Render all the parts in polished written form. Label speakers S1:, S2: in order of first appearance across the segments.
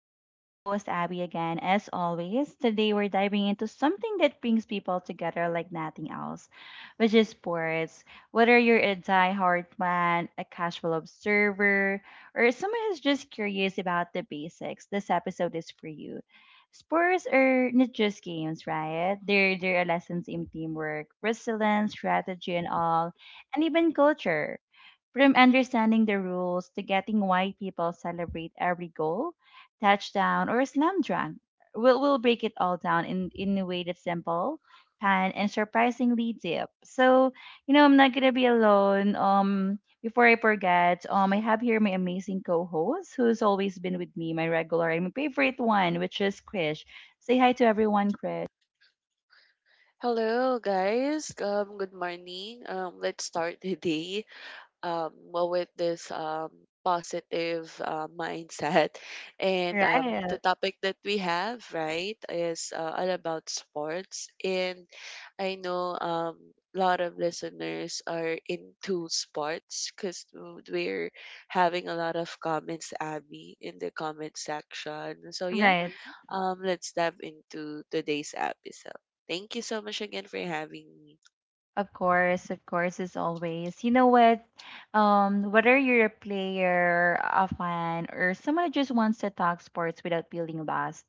S1: This is your host Abby again. As always, today we're diving into something that brings people together like nothing else, which is sports. Whether you're a die-hard fan, a casual observer, or someone who's just curious about the basics, this episode is for you. Sports are not just games, right? They're lessons in teamwork, resilience, strategy, and all, and even culture from understanding the rules to getting why people celebrate every goal, touchdown, or slam dunk, we'll break it all down in a way that's simple, fun, and surprisingly deep. So, I'm not going to be alone. Before I forget, I have here my amazing co-host who's always been with me, my regular and my favorite one, which is Krish. Say hi to everyone, Krish.
S2: Hello, guys. Good morning. Let's start the day well, with this positive mindset. And the
S1: Right,
S2: topic that we have, right, is all about sports. And I know a lot of listeners are into sports because we're having a lot of comments, Abby, in the comment section. So, yeah,
S1: right.
S2: let's dive into today's episode. Thank you so much again for having me.
S1: Of course, as always. You know what? Whether you're a player, a fan, or someone who just wants to talk sports without feeling lost,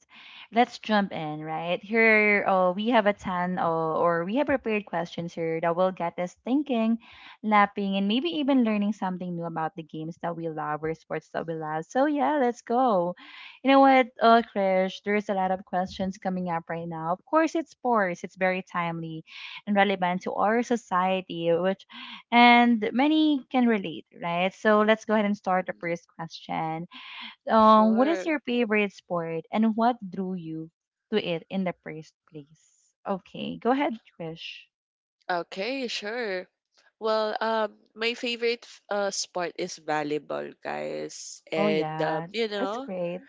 S1: let's jump in, right? Here, we have a ton, or we have prepared questions here that will get us thinking, laughing, and maybe even learning something new about the games that we love or sports that we love. So yeah, let's go. You know what, Krish? There's a lot of questions coming up right now. Of course, it's sports. It's very timely and relevant to our society, which and many can relate, right? So let's go ahead and start the
S2: Mm.
S1: first question. What is
S2: Sure.
S1: your favorite sport and what drew you to it in the first place? Okay, go ahead, Trish.
S2: Okay, sure. Well, my favorite sport is volleyball, guys.
S1: Oh
S2: And
S1: yeah,
S2: you
S1: that's
S2: know,
S1: great.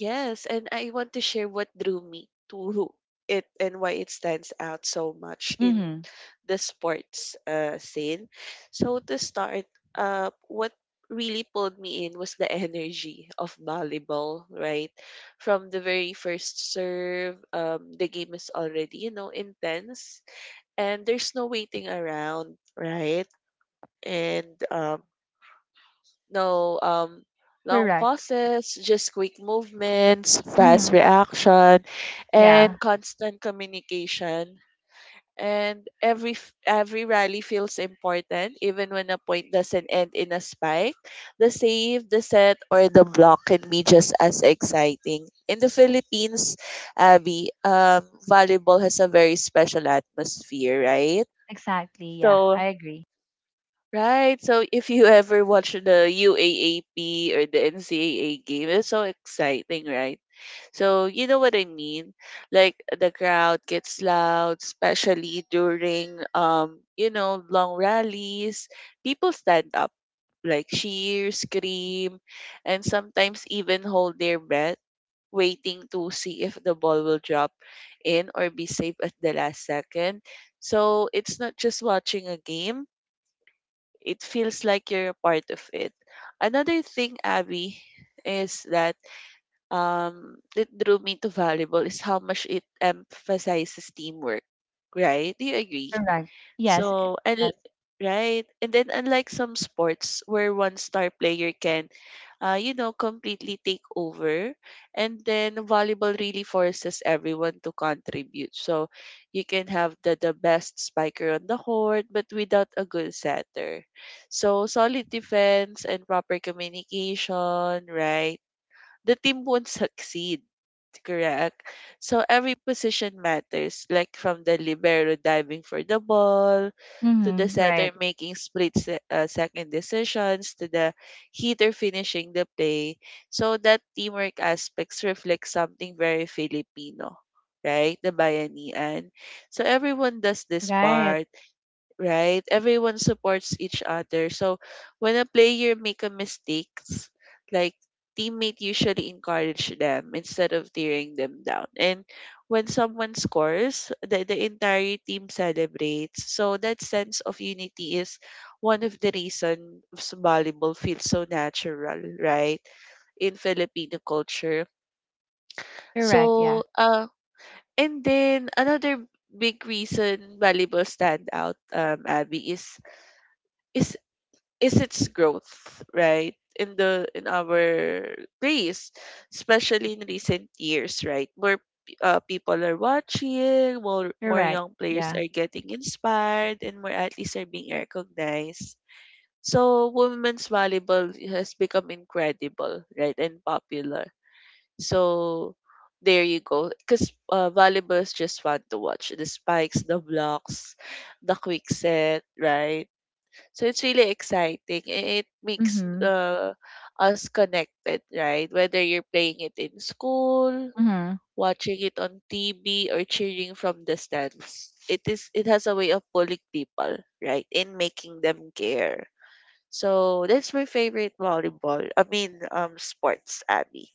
S2: yes, and I want to share what drew me to it and why it stands out so much in
S1: Mm-hmm.
S2: the sports scene. So to start, what really pulled me in was the energy of volleyball, right? From the very first serve, the game is already, you know, intense and there's no waiting around, right? And no, long
S1: Correct.
S2: pauses, just quick movements, fast
S1: Mm-hmm.
S2: reaction,
S1: Yeah,
S2: and constant communication. And every rally feels important, even when a point doesn't end in a spike. The save, the set, or the block can be just as exciting. In the Philippines, Abby, volleyball has a very special atmosphere, right?
S1: exactly. Yeah,
S2: So
S1: I agree.
S2: right. So if you ever watch the UAAP or the NCAA game, it's so exciting, right? So you know what I mean? Like the crowd gets loud, especially during you know, long rallies. People stand up, like cheer, scream, and sometimes even hold their breath, waiting to see if the ball will drop in or be safe at the last second. So it's not just watching a game, it feels like you're a part of it. Another thing, Abby, is that that drew me to volleyball is how much it emphasizes teamwork. Right? Do you agree?
S1: Correct. Yes.
S2: So, and
S1: Yes.
S2: right, and then unlike some sports where one star player can, you know, completely take over, and then volleyball really forces everyone to contribute. So, you can have the best spiker on the court, but without a good setter. So, solid defense and proper communication, right? The team won't succeed. Correct. So every position matters, like from the libero diving for the ball, to the
S1: Mm-hmm.
S2: setter
S1: Right.
S2: making split second decisions, to the hitter finishing the play. So that teamwork aspects reflects something very Filipino, right? The bayanihan. So everyone does this
S1: Right.
S2: part, right? Everyone supports each other. So when a player make a mistakes, like teammate usually encourage them instead of tearing them down. And when someone scores, the entire team celebrates. So that sense of unity is one of the reasons volleyball feels so natural, right? In Filipino culture.
S1: Correct. Yeah.
S2: So uh, and then another big reason volleyball stand out Abby is is its growth, right? In the in our race, especially in recent years, right? More people are watching, more
S1: Correct.
S2: young players
S1: Yeah.
S2: are getting inspired, and more athletes are being recognized. So women's volleyball has become incredible, right, and popular. So there you go, because volleyball is just fun to watch. The spikes, the blocks, the quick set, right? So it's really exciting. It makes
S1: Mm-hmm.
S2: us connected, right? Whether you're playing it in school,
S1: Mm-hmm.
S2: watching it on TV, or cheering from the stands, it is, it has a way of pulling people, right, and making them care. So that's my favorite volleyball. I mean, sports, Abby.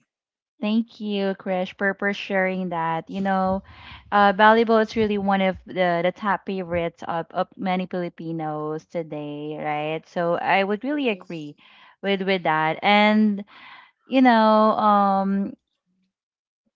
S1: Thank you, Krish, for sharing that. You know, volleyball is really one of the top favorites of many Filipinos today, right? So I would really agree with that. And you know,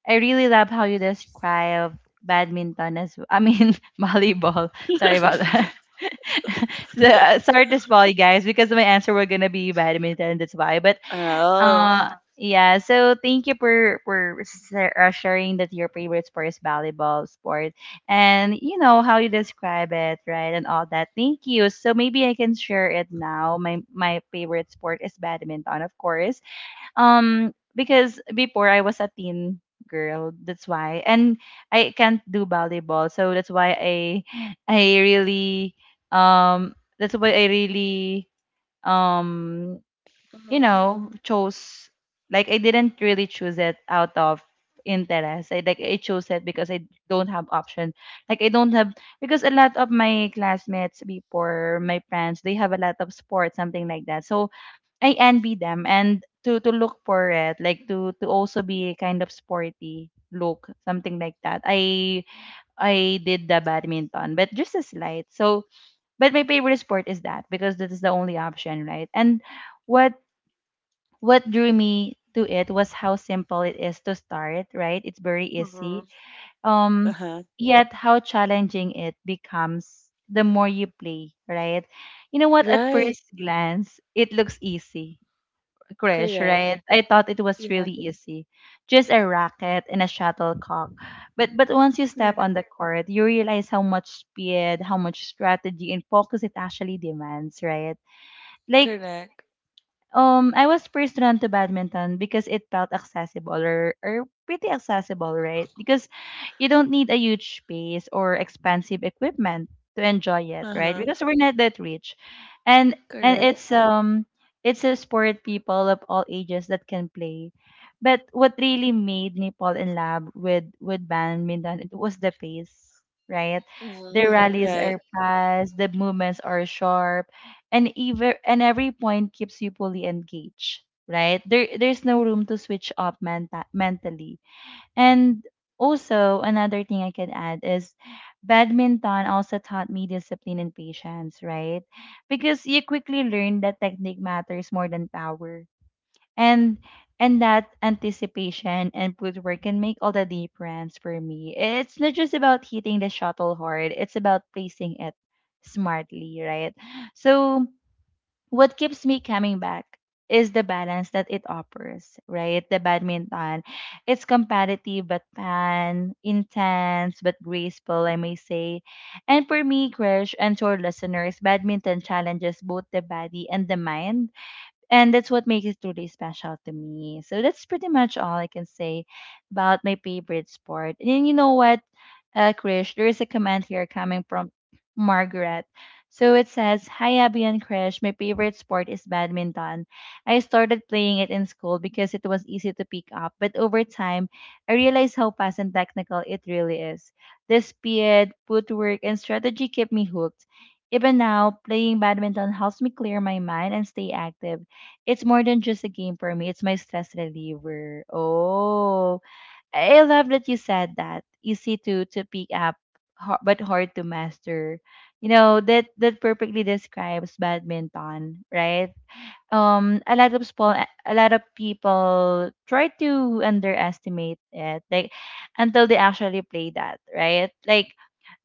S1: I really love how you describe badminton as I mean volleyball. Sorry
S2: Mhm.
S1: about that. So, sorry to spoil you guys because my answer were gonna be badminton. That's why, but
S2: Oh.
S1: yeah. So thank you for sharing that your favorite sport is volleyball sport, and you know how you describe it, right, and all that. Thank you. So maybe I can share it now. My favorite sport is badminton, of course. Because before I was a teen girl, that's why, and I can't do volleyball, so that's why I really um that's why I really um you
S2: Mm-hmm.
S1: know, chose like I didn't really choose it out of interest. I chose it because I don't have option. Like I don't have because a lot of my classmates before my friends, they have a lot of sports, something like that. So I envy them and to look for it, like to also be kind of sporty look, something like that. I did the badminton, but just a slight. So but my favorite sport is that because that is the only option, right? And what what drew me to it was how simple it is to start, right? It's very
S2: Mhm.
S1: easy. Um,
S2: Uh-huh.
S1: Yet how challenging it becomes the more you play, right? You know what? At
S2: Right.
S1: first glance, it looks easy, Krish,
S2: Correct.
S1: right? I thought it was
S2: Yeah.
S1: really easy, just a racket and a shuttlecock. But once you step
S2: Correct.
S1: on the court, you realize how much speed, how much strategy and focus it actually demands, right? Like
S2: Correct.
S1: I was first drawn to badminton because it felt accessible or pretty accessible, right? Because you don't need a huge space or expensive equipment to enjoy it, right?
S2: Uh-huh.
S1: Because we're not that rich. And
S2: Correct.
S1: it's a sport people of all ages that can play. But what really made me fall in love with badminton it was the pace, right? The
S2: Mhm.
S1: rallies
S2: Right.
S1: are fast, the movements are sharp and even and every point keeps you fully engaged, right? There's no room to switch up mentally. And also another thing I can add is badminton also taught me discipline and patience, right? Because you quickly learn that technique matters more than power, and and that anticipation and footwork can make all the difference. For me, it's not just about hitting the shuttle hard, it's about placing it smartly, right? So what keeps me coming back is the balance that it offers, right? The badminton. It's competitive but fun, intense but graceful, I may say. And for me, Krish, and to our listeners, badminton challenges both the body and the mind, and that's what makes it truly special to me. So that's pretty much all I can say about my favorite sport. And you know what, Krish, there is a comment here coming from Margaret. So it says, Hi Abby and Krish, my favorite sport is badminton. I started playing it in school because it was easy to pick up, but over time, I realized how fast and technical it really is. The speed, footwork, and strategy kept me hooked. Even now, playing badminton helps me clear my mind and stay active. It's more than just a game for me. It's my stress reliever. Oh, I love that you said that. Easy to pick up, but hard to master. You know that that perfectly describes badminton, right? Um, a lot of small, a lot of people try to underestimate it, like until they actually play that, right? Like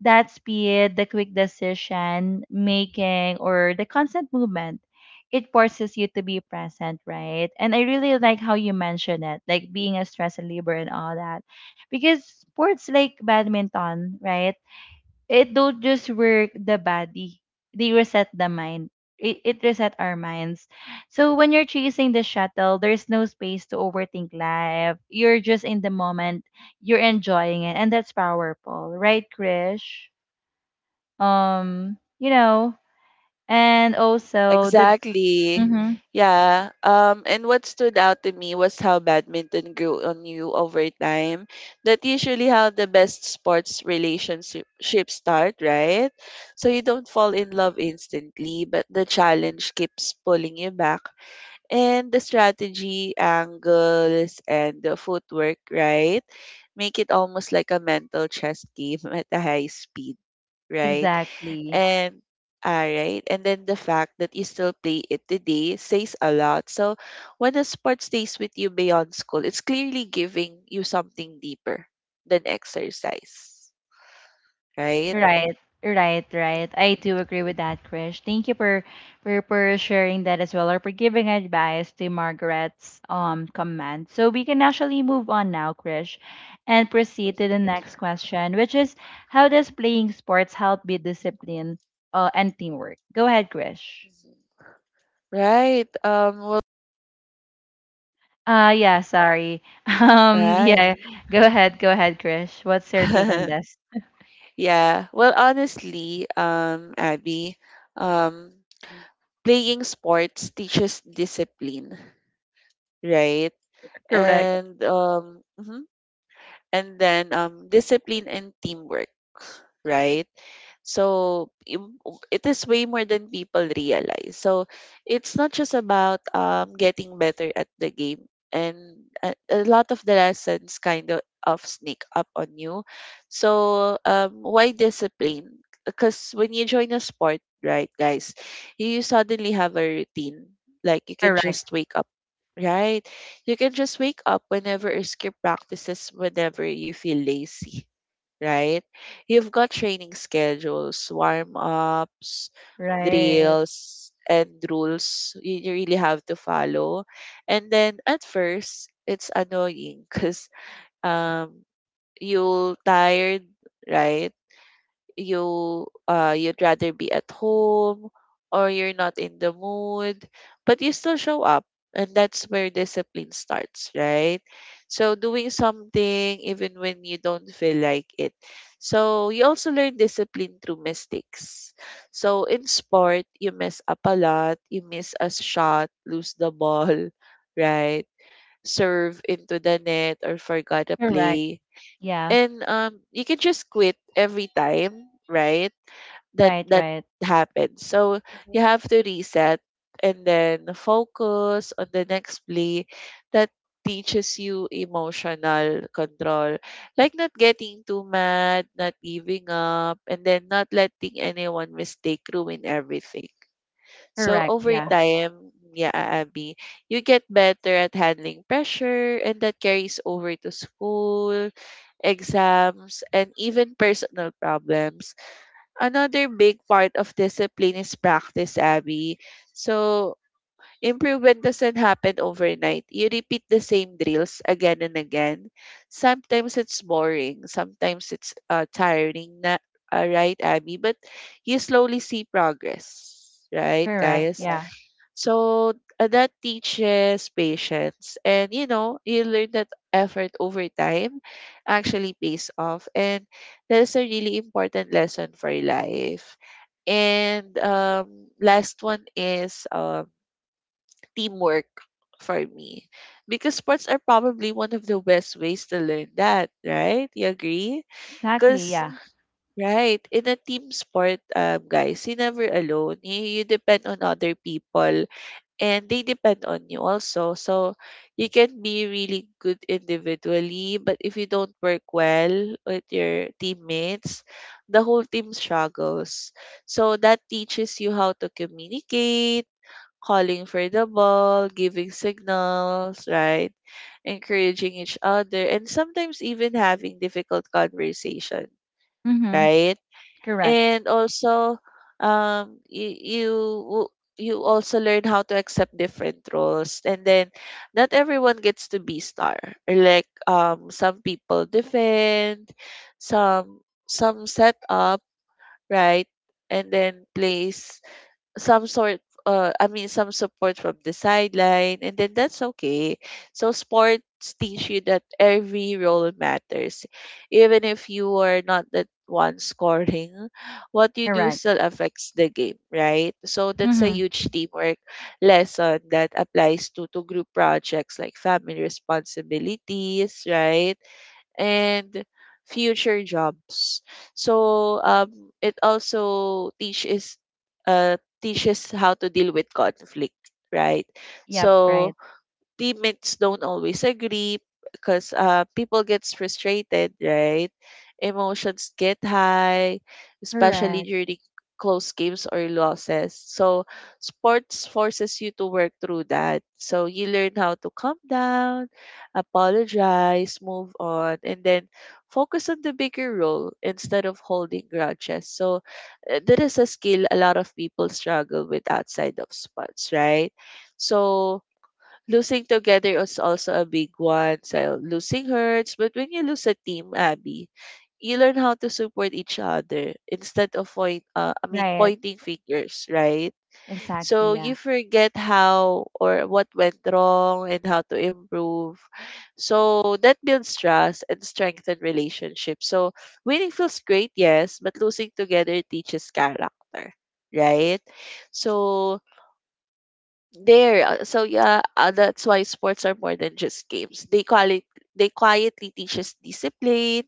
S1: that speed, the quick decision making, or the constant movement, it forces you to be present, right? And I really like how you mentioned it, like being a stress reliever and all that. Because sports like badminton, right? It don't just work the body, they reset the mind. It reset our minds. So when you're chasing the shuttle, there's no space to overthink life. You're just in the moment. You're enjoying it. And that's powerful, right, Krish? um you know and also that's
S2: Exactly.
S1: mm-hmm,
S2: Yeah. And what stood out to me was how badminton grew on you over time. That usually how the best sports relationships start, right? So you don't fall in love instantly, but the challenge keeps pulling you back. And the strategy, angles, and the footwork, right? Make it almost like a mental chess game at a high speed, right?
S1: exactly,
S2: And all right, and then the fact that you still play it today says a lot. So when a sport stays with you beyond school, it's clearly giving you something deeper than exercise, right?
S1: right. Right I
S2: Mhm,
S1: do agree with that, Krish. Thank you for sharing that as well or for giving advice to Margaret's comment. So we can actually move on now, Krish, and proceed to the
S2: mhm,
S1: next question, which is how does playing sports help with discipline and teamwork? Go ahead, Krish.
S2: mhm. Right. Well.
S1: Yeah, sorry.
S2: Right.
S1: Yeah, go ahead, Krish. What's your take on this?
S2: Yeah. Well, honestly, Abby, um, playing sports teaches discipline, right?
S1: Correct.
S2: And mhm. and then discipline and teamwork, right? so im- it is way more than people realize. So it's not just about getting better at the game, and a lot of the lessons kind of sneak up on you. So why discipline? Because when you join a sport, right, guys, you suddenly have a routine. Like you can
S1: Correct.
S2: just wake up, right? You can just wake up whenever or skip practices whenever you feel lazy, right? You've got training schedules, warm ups,
S1: Right.
S2: drills, and rules you really have to follow. And then at first, it's annoying because um, you'll tired, right? you you'd rather be at home or you're not in the mood, but you still show up, and that's where discipline starts, right? So doing something even when you don't feel like it. So you also learn discipline through mistakes. So in sport you mess up a lot, you miss a shot, lose the ball right, serve into the net or forgot a
S1: Correct.
S2: play,
S1: Yeah.
S2: and you can just quit every time, right? that
S1: Right,
S2: that
S1: right.
S2: happens. So you have to reset and then focus on the next play. That teaches you emotional control. Like not getting too mad, not giving up, and then not letting anyone mistake ruin everything. So
S1: Correct.
S2: over
S1: Yeah.
S2: time, yeah, Abby, you get better at handling pressure, and that carries over to school, exams, and even personal problems. Another big part of discipline is practice, Abby. So, improvement doesn't happen overnight. You repeat the same drills again and again. Sometimes it's boring, sometimes it's tiring, na, right, Abby? But you slowly see progress, right,
S1: Correct.
S2: guys?
S1: Yeah.
S2: So that teaches patience. And you know, you learn that effort over time actually pays off. And that is a really important lesson for life. And last one is teamwork for me, because sports are probably one of the best ways to learn that, right? You agree?
S1: Exactly.
S2: Because
S1: Yeah.
S2: right, in a team sport, guys, you're never alone. You depend on other people and they depend on you also. So you can be really good individually, but if you don't work well with your teammates, the whole team struggles. So that teaches you how to communicate, calling for the ball, giving signals, right? Encouraging each other, and sometimes even having difficult conversation,
S1: Mm-hmm.
S2: right?
S1: Correct.
S2: And also, um, you, you w- you also learn how to accept different roles, and then not everyone gets to be star. Like some people defend, some some set up, right? And then plays, some sort I mean some support from the sideline, and then that's okay. So sports teach you that every role matters. Even if you are not the one scoring, what you do
S1: Correct.
S2: still affects the game, right? So that's a
S1: Mm-hmm.
S2: huge teamwork lesson that applies to group projects, like family responsibilities, right? And future jobs. So it also teaches how to deal with conflict, right?
S1: Yep.
S2: So
S1: Right.
S2: teammates don't always agree because people gets frustrated, right? Emotions get high, especially
S1: Correct.
S2: during close games or losses. So sports forces you to work through that, so you learn how to calm down, apologize, move on, and then focus on the bigger role instead of holding grudges. So that is a skill a lot of people struggle with outside of sports, right? So losing together is also a big one. So losing hurts, but when you lose a team, Abby, you learn how to support each other instead of point.
S1: Right.
S2: Pointing fingers, right?
S1: Exactly.
S2: So
S1: Yeah.
S2: you forget how or what went wrong and how to improve. So that builds trust and strengthen relationships. So winning feels great, yes, but losing together teaches character, right? So there so yeah that's why sports are more than just games, they call it, they quietly teach us discipline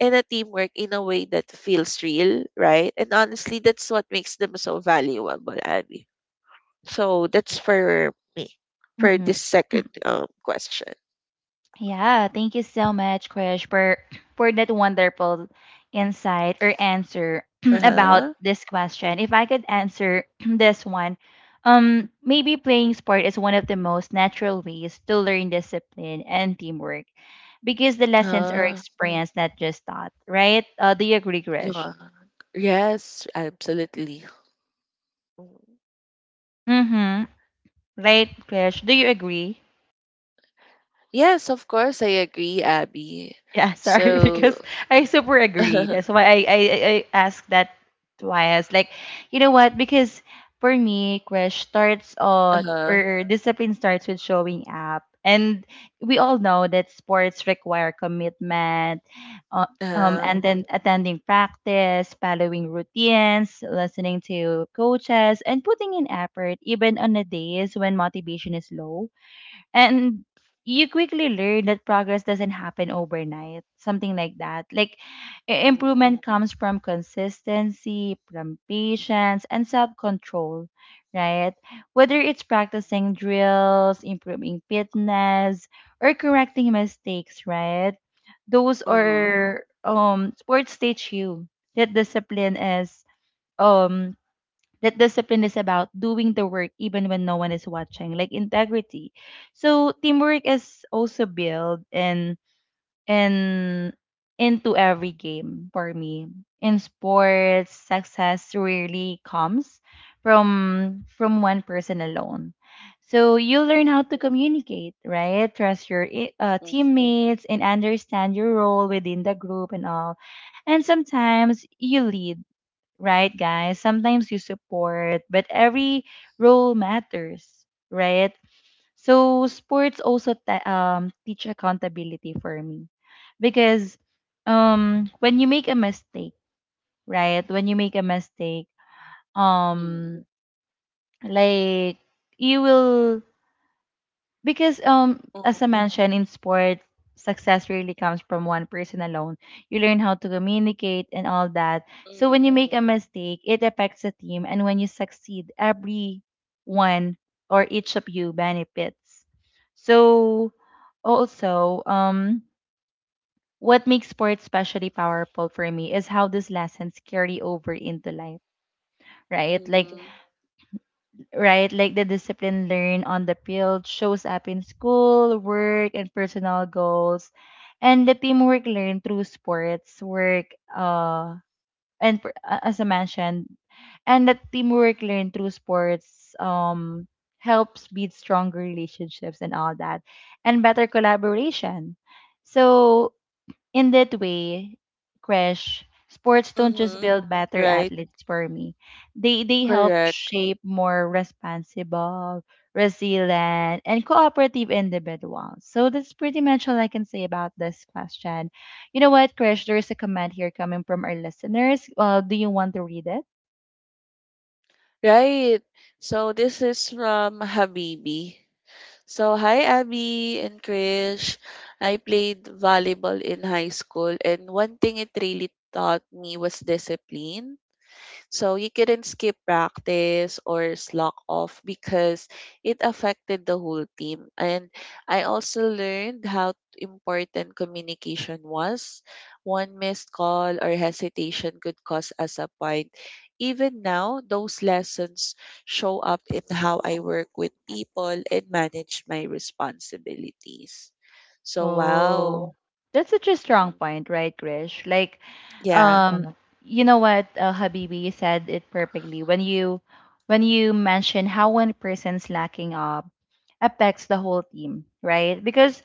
S2: and a teamwork in a way that feels real, right? And honestly, that's what makes them so valuable, Abby. So that's for me, for
S1: Mm-hmm.
S2: this second question.
S1: Yeah, thank you so much, Krish, for that wonderful insight or answer about
S2: Uh-huh.
S1: this question. If I could answer this one, maybe playing sport is one of the most natural ways to learn discipline and teamwork because the lessons are
S2: uh,
S1: experienced, not just taught, right? Do you agree, Krish?
S2: yeah. Yes, absolutely. Mm.
S1: Mm-hmm. Right, Krish? Do you agree?
S2: Yes, of course I agree, Abby.
S1: Yeah, sorry,
S2: So
S1: because I super agree.
S2: uh-huh,
S1: That's why I asked that twice. Like, you know what? Because for me, crush starts on,
S2: uh-huh,
S1: or discipline starts with showing up. And we all know that sports require commitment, uh, and then attending practice, following routines, listening to coaches, and putting in effort, even on the days when motivation is low. And you quickly learn that progress doesn't happen overnight, something like that. Like
S2: uh-huh.
S1: improvement comes from consistency, from patience, and self control, right? Whether it's practicing drills, improving fitness, or correcting mistakes, right? Those
S2: Mhm.
S1: are sports teach you that discipline is um about doing the work even when no one is watching, like integrity. So teamwork is also built in into every game for me. In sports, success really comes from one person alone. So you learn
S2: Mhm.
S1: how to communicate, right, trust your
S2: Mhm.
S1: teammates and understand your role within the group and all. And sometimes you lead, right, guys? Sometimes you support, but every role matters, right? So sports also teach accountability for me because when you make a mistake, right? When you make a mistake,
S2: Mhm.
S1: um like you will because as
S2: Mhm.
S1: I mentioned, in sport, success really comes from one person alone. You learn how to communicate and all that. So when you make
S2: Mhm.
S1: a mistake, it affects the team, and when you succeed, everyone or each of you benefits. So also, what makes sports especially powerful for me is how these lessons carry over into life, right?
S2: Mhm.
S1: Like the discipline learned on the field shows up in school, work, and personal goals. And the teamwork learned through sports, work, uh, as I mentioned, and the teamwork learned through sports helps build stronger relationships and all that, and better collaboration. So in that way, Crash, sports don't just
S2: Mhm.
S1: build better
S2: Right.
S1: athletes for me. They help
S2: Correct.
S1: shape more responsible, resilient, and cooperative individuals. So that's pretty much all I can say about this question. You know what, Crash? There's a comment here coming from our listeners. Do you want to read it?
S2: Right. So this is from Habibi. So hi Abby and Krish. I played volleyball in high school and one thing it really taught me was discipline. So you couldn't skip practice or slack off because it affected the whole team. And I also learned how important communication was. One missed call or hesitation could cause us a point. Even now, those lessons show up in how I work with people and manage my responsibilities. So, wow.
S1: Oh, that's such a strong
S2: Mhm.
S1: point, right, Krish?
S2: Yeah.
S1: Um, Mhm. You know what, Habibi, you said it perfectly. When you mention how one person's lacking up affects the whole team, right? Because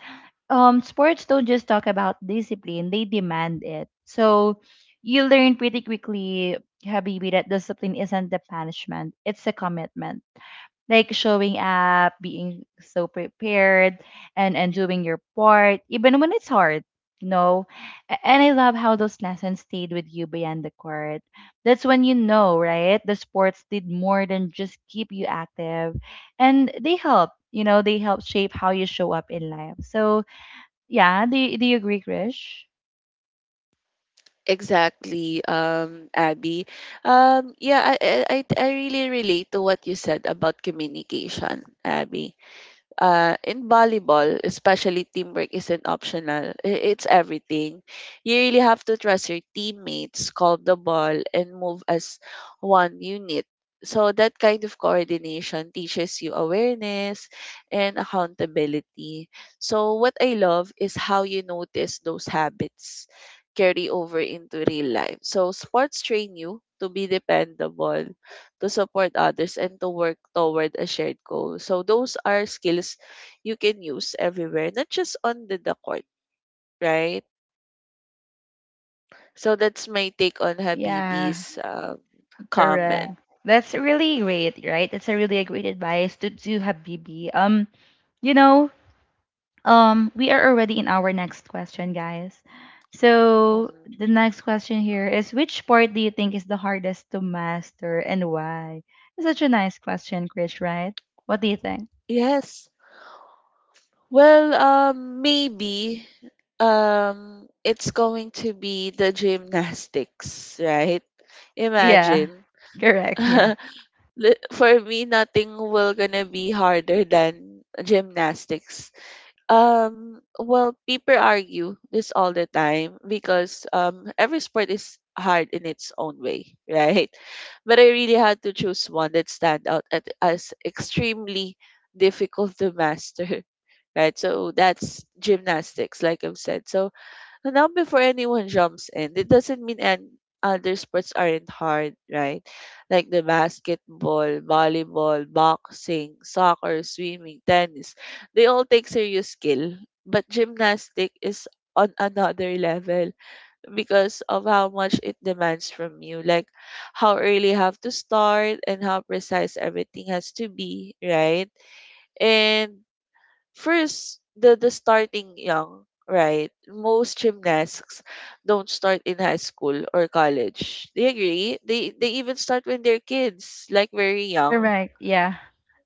S1: sports don't just talk about discipline, they demand it. So you learn pretty quickly, Habibi, that discipline isn't the punishment, it's a commitment. Like showing up, being so prepared, and doing your part even when it's hard you know and I love how those lessons stayed with you beyond the court. That's when you know, right, the sports did more than just keep you active, and they help, you know, they help shape how you show up in life. So yeah, do you agree, Krish?
S2: Exactly, Abby. Yeah, I really relate to what you said about communication, Abby, in volleyball, especially teamwork isn't optional. It's everything. You really have to trust your teammates, call the ball, and move as one unit. So that kind of coordination teaches you awareness and accountability. So what I love is how you notice those habits carry over into real life. So sports train you to be dependable, to support others, and to work toward a shared goal. So those are skills you can use everywhere, not just on the court, right? So that's my take on
S1: Yeah,
S2: Habibi's comment.
S1: correct. That's really great, right? That's a really a great advice to Habibi. Um, you know, we are already in our next question, guys. So
S2: Mm.
S1: the next question here is which part do you think is the hardest to master and why? It's such a nice question, Krish, right? What do you think?
S2: Yes. Well, maybe it's going to be the gymnastics, right?
S1: Yeah.
S2: Imagine.
S1: Correct, yeah.
S2: Li- For me, nothing will gonna be harder than gymnastics. Well, people argue this all the time because every sport is hard in its own way, right? But I really had to choose one that stand out as extremely difficult to master, right? So that's gymnastics, like I've said. So now before anyone jumps in, it doesn't mean and other sports aren't hard, right? Like the basketball, volleyball, boxing, soccer, swimming, tennis. They all take serious skill. But gymnastic is on another level because of how much it demands from you. Like how early you have to start and how precise everything has to be, right? And first, the starting young, right? Most gymnasts don't start in high school or college. Do you agree? They even start when they're kids, like very young,
S1: Correct, yeah.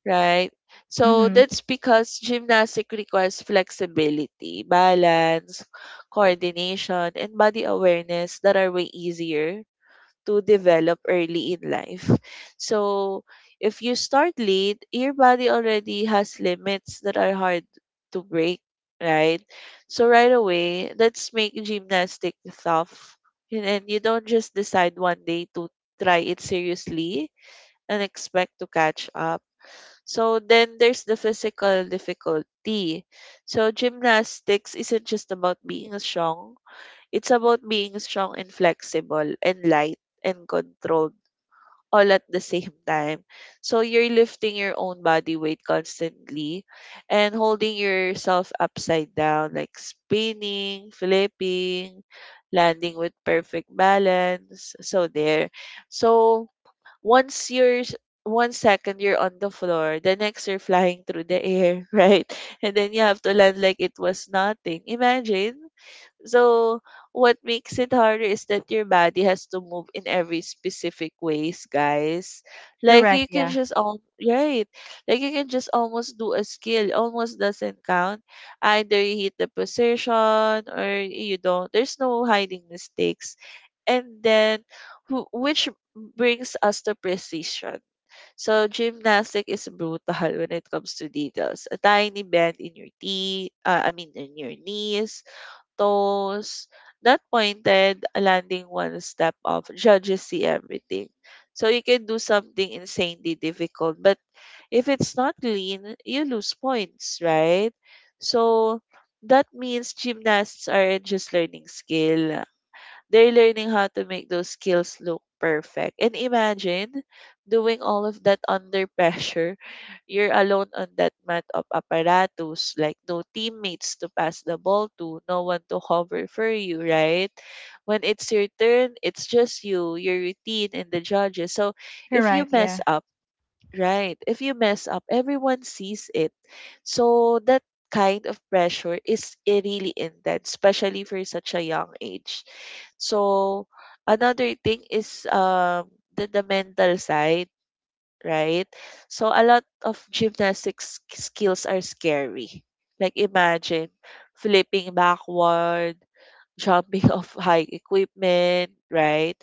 S2: right? So
S1: Mm-hmm.
S2: that's because gymnastic requires flexibility, balance, coordination, and body awareness that are way easier to develop early in life. So if you start late, your body already has limits that are hard to break, right? So right away, let's make gymnastic tough. And then you don't just decide one day to try it seriously and expect to catch up. So then there's the physical difficulty. So gymnastics isn't just about being strong, it's about being strong and flexible and light and controlled all at the same time. So you're lifting your own body weight constantly and holding yourself upside down, like spinning, flipping, landing with perfect balance. So there. So once you're s- one second you're on the floor, the next you're flying through the air, right? And then you have to land like it was nothing. Imagine, so what makes it harder is that your body has to move in every specific ways, guys. Like
S1: Correct,
S2: you can
S1: yeah.
S2: just all right. Like you can just almost do a skill. Almost doesn't count. Either you hit the position or you don't. There's no hiding mistakes. And then which brings us to precision. So gymnastic is brutal when it comes to details. A tiny bend in your knee, I mean in your knees, toes, not pointed, landing one step off. Judges see everything. So you can do something insanely difficult, but if it's not lean, you lose points, right? So that means gymnasts are just learning skill. They're learning how to make those skills look perfect. And imagine doing all of that under pressure. You're alone on that mat of apparatus, like no teammates to pass the ball to, no one to cover for you, right? When it's your turn, it's just you, your routine, and the judges. So if you
S1: Correct,
S2: mess
S1: yeah.
S2: up, right. If you mess up, everyone sees it. So that kind of pressure is really intense, especially for such a young age. So another thing is the mental side, right? So a lot of gymnastics skills are scary. Like imagine flipping backward, jumping off high equipment, right?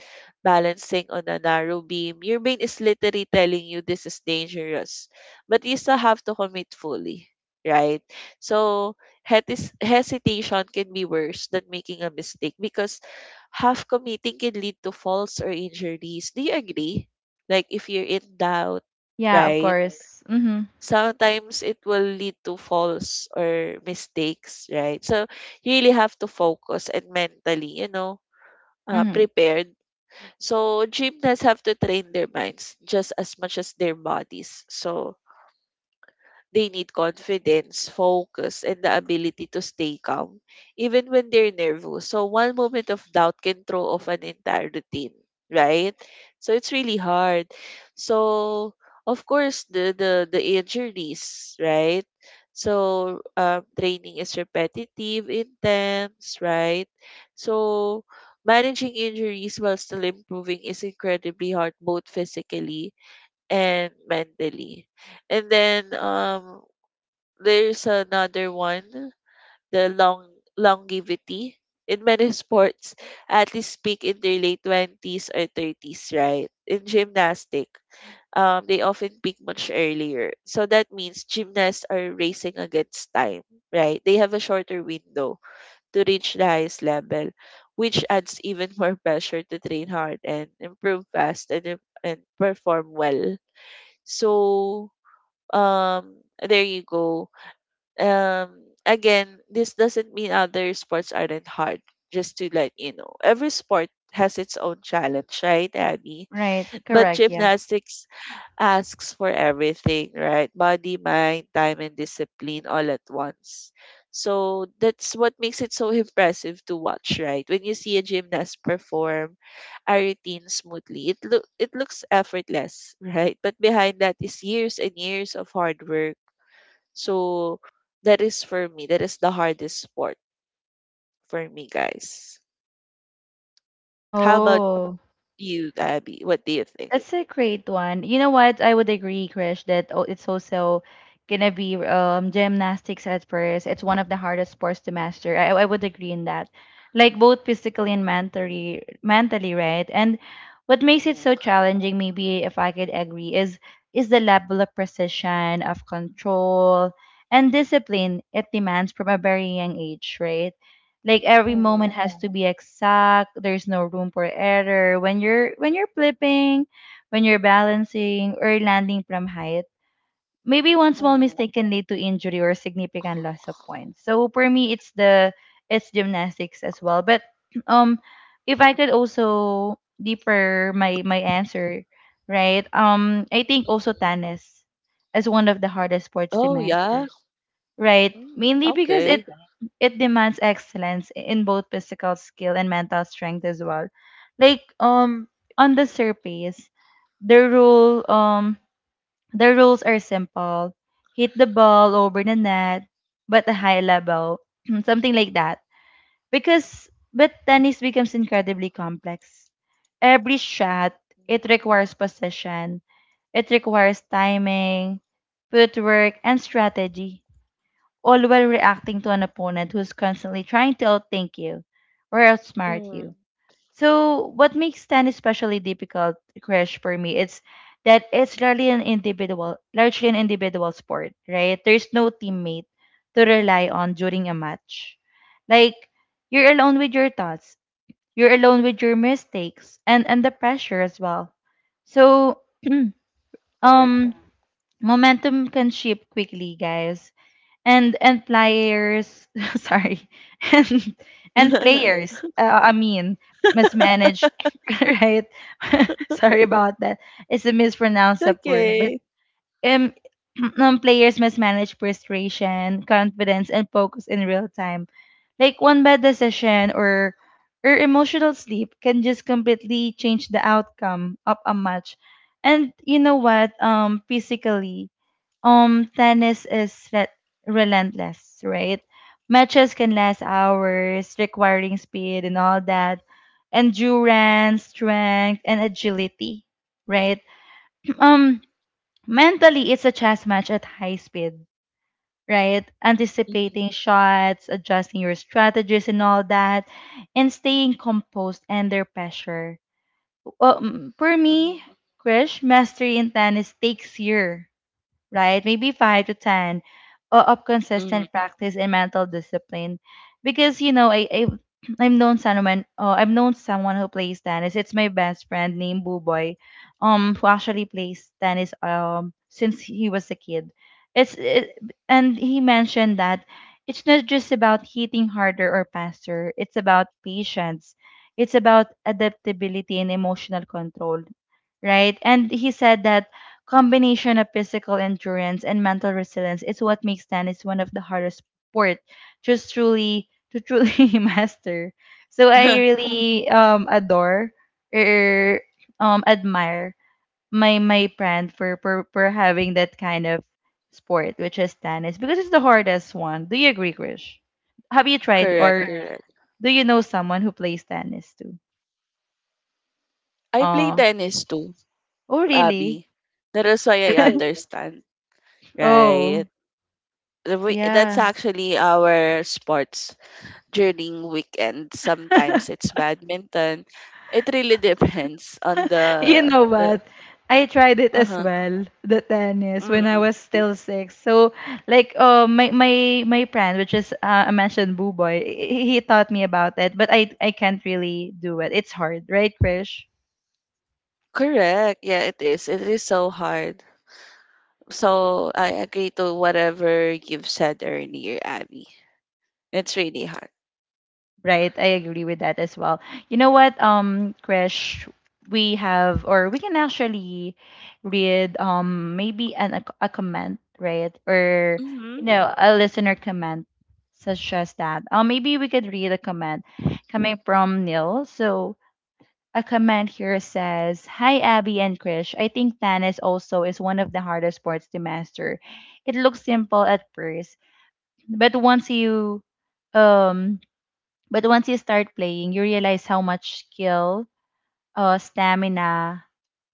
S2: Balancing on a narrow beam. Your brain is literally telling you this is dangerous, but you still have to commit fully, right? So hesitation can be worse than making a mistake because half committing can lead to falls or injuries. Do you agree? Like if you're in doubt,
S1: Yeah, of
S2: right?
S1: course. Mm-hmm.
S2: Sometimes it will lead to falls or mistakes, right? So you really have to focus and mentally,
S1: Mm-hmm.
S2: prepared. So gymnasts have to train their minds just as much as their bodies. So they need confidence, focus, and the ability to stay calm, even when they're nervous. So one moment of doubt can throw off an entire routine, right? So it's really hard. So, of course, the injuries, right? So, training is repetitive, intense, right? So managing injuries while still improving is incredibly hard, both physically and mentally. And then there's another one, the long longevity. In many sports, athletes peak in their late 20s or 30s, right? In gymnastic, they often peak much earlier. So that means gymnasts are racing against time, right? They have a shorter window to reach the highest level, which adds even more pressure to train hard and improve fast and perform well. So there you go. Again, this doesn't mean other sports aren't hard, just to let you know every sport has its own challenge, right, Abby?
S1: Right.
S2: But
S1: Correct. Yeah.
S2: gymnastics asks for everything, right? Body, mind, time, and discipline all at once. So that's what makes it so impressive to watch, right? When you see a gymnast perform a routine smoothly, it looks effortless, right? But behind that is years and years of hard work. So that is for me. That is the hardest sport for me, guys. How about
S1: Oh.
S2: you, Abby? What do you think?
S1: That's a great one. You know what? I would agree, Krish, that it's also gonna be gymnastics at first. It's one of the hardest sports to master. I would agree in that. Like both physically and mentally, right? And what makes it
S2: Mm.
S1: so challenging, maybe if I could agree, is the level of precision, of control, and discipline it demands from a very young age, right? Like every moment
S2: Mm.
S1: has, yeah, to be exact. There's no room for error when you're flipping, when you're balancing or landing from height. Maybe one small
S2: Mm.
S1: mistake can lead to injury or significant loss of points. So for me, it's gymnastics as well. But um, if I could also deeper my answer, right? I think also
S2: Mm.
S1: tennis is one of the hardest sports to
S2: Oh, yeah.
S1: master. Right.
S2: Mm,
S1: Mainly because it
S2: okay.
S1: it demands excellence in both physical skill and mental strength as well. Like on the surface, the rule um the rules are simple. Hit the ball over the net, but a high level. Something like that. Because but tennis becomes incredibly complex. Every shot,
S2: Mm.
S1: it requires possession. It requires timing, footwork, and strategy, all while reacting to an opponent who's constantly trying to outthink you or outsmart you.
S2: Mm.
S1: So what makes Stan especially difficult, Crash, for me, it's that it's largely an individual sport, right? There's no teammate to rely on during a match. Like you're alone with your thoughts, you're alone with your mistakes, and the pressure as well. So, um,
S2: Correct.
S1: momentum can shift quickly, guys, and players sorry and and players I mean mismanaged right sorry about that, it's a mispronounce of word. But
S2: Okay.
S1: um, players mismanage frustration, confidence, and focus in real time. Like one bad decision or emotional sleep can just completely change the outcome of a match. And you know what, physically, tennis is relentless, right? Matches can last hours, requiring speed and all that, endurance, strength, and agility, right? um, mentally, it's a chess match at high speed, right?
S2: Mhm.
S1: Anticipating shots, adjusting your strategies, and all that, and staying composed under pressure. For me,
S2: Mhm.
S1: Krish, mastery in tennis takes years, right? Maybe five to 10 of
S2: Mhm.
S1: consistent practice and mental discipline. Because, you know, I've known someone who plays tennis. It's my best friend named Boo Boy, who actually plays tennis, since he was a kid. It's, it, and he mentioned that it's not just about hitting harder or faster. It's about patience. It's about adaptability and emotional control, right? And he said that combination of physical endurance and mental resilience is what makes tennis one of the hardest sport to truly master. So I really adore or admire my friend for, for having that kind of sport, which is tennis, because it's the hardest one. Do you agree, Krish? Have you tried
S2: Correct.
S1: or
S2: Correct.
S1: do you know someone who plays tennis too?
S2: I play
S1: Oh,
S2: tennis too,
S1: oh really?
S2: Abby. That is why I understand, right?
S1: Oh,
S2: The week, that's
S1: yeah.
S2: actually our sports during weekend. Sometimes it's badminton. It really depends on
S1: You know
S2: the
S1: what? I tried it as
S2: uh-huh.
S1: well, the tennis, when I
S2: Mm,
S1: was still six. So, like, my my friend, which is a mentioned Boo Boy, he taught me about it, but I can't really do it. It's hard, right, Krish?
S2: correct. Yeah, it is. It is so hard. So I agree to whatever you've said earlier, Abby. It's really hard.
S1: Right, I agree with that as well. You know what, Krish, we have or we can actually read maybe an a comment, right? Or
S2: Mm-hmm.
S1: you know, a listener comment such as that. Or maybe we could read a comment coming from Neil. So a comment here says, "Hi Abby and Krish. I think tennis also is one of the hardest sports to master. It looks simple at first, but once you um but once you start playing, you realize how much skill, stamina,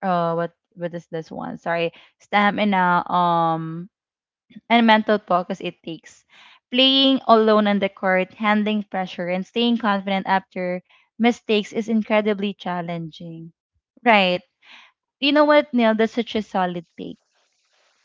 S1: uh, what what is this one? Sorry, stamina, and mental focus it takes. Playing alone on the court, handling pressure, and staying confident after mistakes is incredibly challenging." Right. You know what, Neil? That's such a solid take.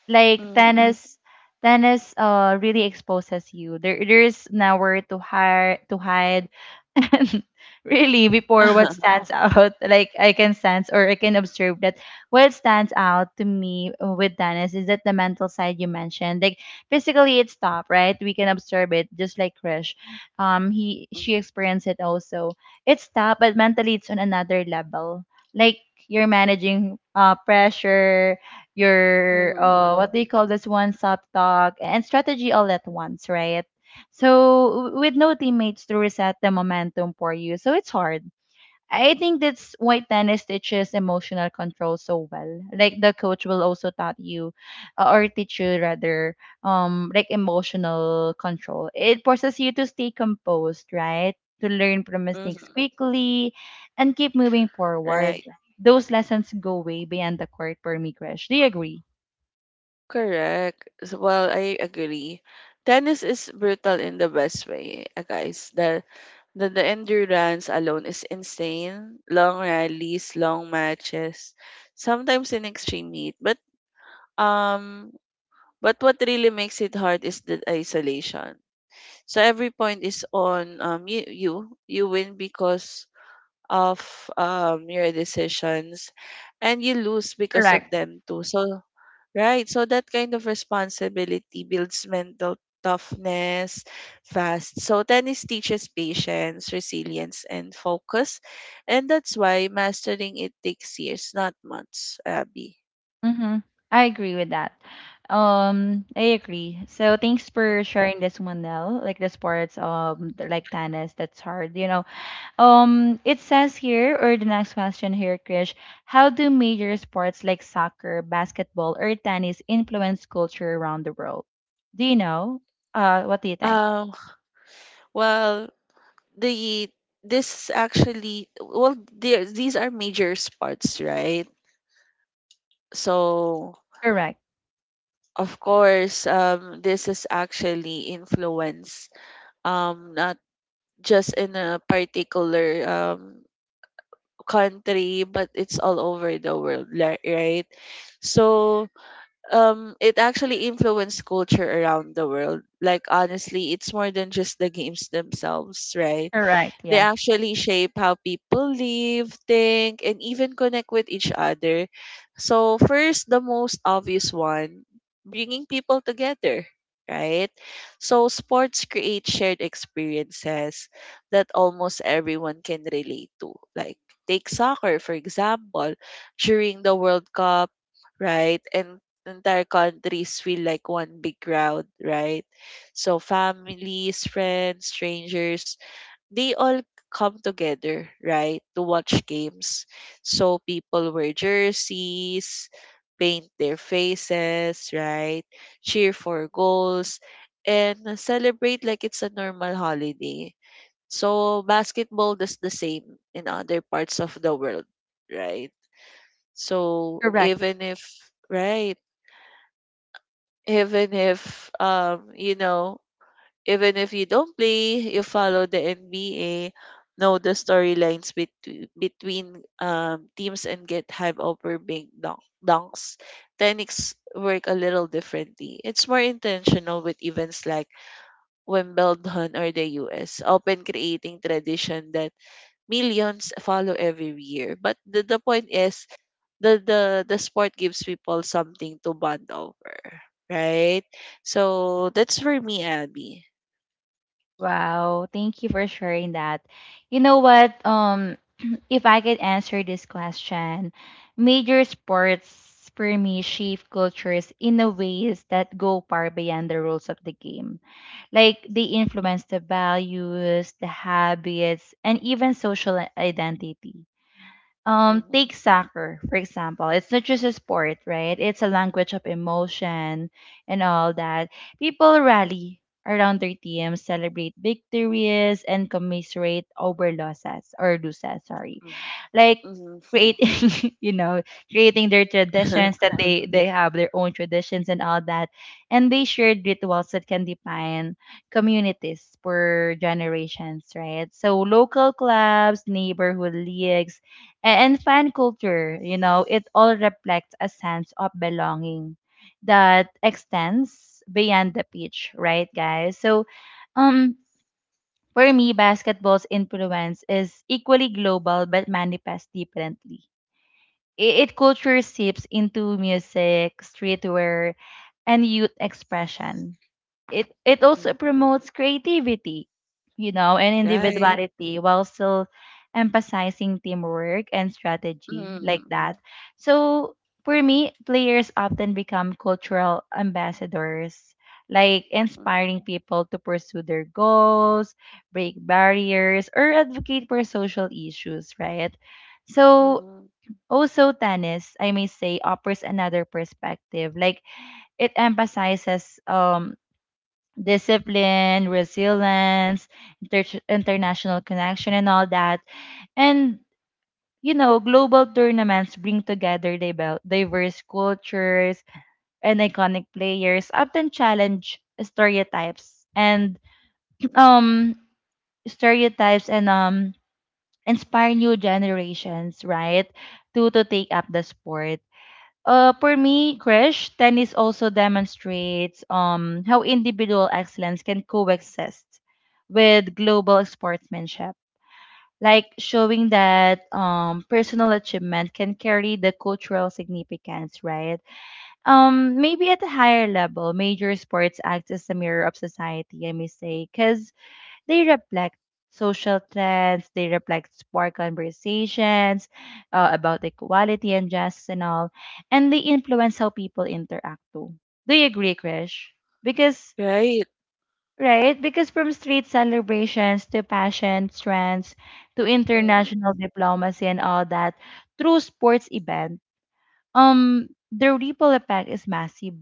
S1: Like
S2: Mm.
S1: tennis really exposes you. There there's nowhere to hide and really before what stands out like I can sense or I can observe that what stands out to me, with tennis, is that the mental side you mentioned. Like physically it's tough, right? We can observe it just like Krish, he, she experienced it also. It's tough, but mentally it's on another level. Like you're managing pressure,
S2: Mhm,
S1: your
S2: mhm,
S1: what do you call this one sub talk and strategy all at once, right? So with no teammates to reset the momentum for you, so it's hard. I think that's why tennis teaches emotional control so well. Like the coach will also taught you, or teach you rather, like emotional control. It forces you to stay composed, right? To learn from mistakes
S2: mhm.
S1: quickly, and keep moving
S2: Right.
S1: forward. Those lessons go way beyond the court for me, Krish. Do you agree?
S2: Correct. So, well, I agree. Tennis is brutal in the best way, guys. The endurance alone is insane. Long rallies, long matches, sometimes in extreme heat. Um, but what really makes it hard is the isolation. So every point is on you win because of your decisions, and you lose because of
S1: Correct.
S2: them too. So right. So that kind of responsibility builds mental toughness fast. So tennis teaches patience, resilience, and focus. And that's why mastering it takes years, not months, Abby.
S1: Mm-hmm. I agree with that. I agree. So thanks for
S2: Mhm.
S1: sharing this one, Nell. Like the sports, like tennis, that's hard, you know. It says here, or the next question here, Krish, how do major sports like soccer, basketball, or tennis influence culture around the world? Do you know? What do you think?
S2: Um, well, the this actually, well, there, these are major sports, right? So,
S1: Correct.
S2: of course, this is actually influence not just in a particular country, but it's all over the world, right? So, it actually influenced culture around the world. Like, honestly, it's more than just the games themselves, right?
S1: Correct.
S2: They
S1: Yeah.
S2: actually shape how people live, think, and even connect with each other. So, first, the most obvious one, bringing people together, right? So sports create shared experiences that almost everyone can relate to. Like, take soccer, for example, during the World Cup, right? And entire countries feel like one big crowd, right? So families, friends, strangers, they all come together, right, to watch games. So people wear jerseys, paint their faces, right, cheer for goals, and celebrate like it's a normal holiday. So basketball does the same in other parts of the world, right? So
S1: Correct.
S2: even if, right, even if even if you don't play, you follow the NBA, know the storylines between between teams and get hype over dunks. Techniques work a little differently. It's more intentional with events like Wimbledon or the US, often creating tradition that millions follow every year. But the point is the sport gives people something to bond over, right? So that's for me, Abby.
S1: Wow. Thank you for sharing that. You know what? If I could answer this question, major sports for me shape cultures in a ways that go far beyond the rules of the game. Like they influence the values, the habits, and even social identity.
S2: Mhm.
S1: Take soccer, for example. It's not just a sport, right? It's a language of emotion and all that. People rally around their teams, celebrate victories, and commiserate over losses. Sorry.
S2: Mhm,
S1: Like
S2: mhm,
S1: creating, you know, creating their traditions,
S2: mhm.
S1: that they have their own traditions and all that. And they shared rituals that can define communities for generations, right? So local clubs, neighborhood leagues, and fan culture, you know, it all reflects a sense of belonging that extends beyond the pitch, right, guys? So, um, for me, basketball's influence is equally global but manifests differently. It culture seeps into music, streetwear, and youth expression. It also promotes creativity, you know, and
S2: Right.
S1: individuality while still emphasizing teamwork and strategy, like
S2: Mhm,
S1: that. So for me, players often become cultural ambassadors, like
S2: mhm,
S1: inspiring people to pursue their goals, break barriers, or advocate for social issues, right? So
S2: mhm.
S1: also, tennis, I may say, offers another perspective. Like it emphasizes discipline, resilience, international connection, and all that. And you know, global tournaments bring together diverse cultures, and iconic players often challenge stereotypes and um stereotypes and inspire new generations, right, to take up the sport. For me, Krish, tennis also demonstrates how individual excellence can coexist with global sportsmanship, like showing that personal achievement can carry the cultural significance, right? Maybe at a higher level, major sports act as a mirror of society, I may cause they reflect social trends, they reflect spark conversations about equality and justice and all, and they influence how people interact too. Do you agree, Krish? Because
S2: Right.
S1: right, because from street celebrations to passion trends to
S2: Mm,
S1: international diplomacy and all that, through sports event, the ripple effect is massive,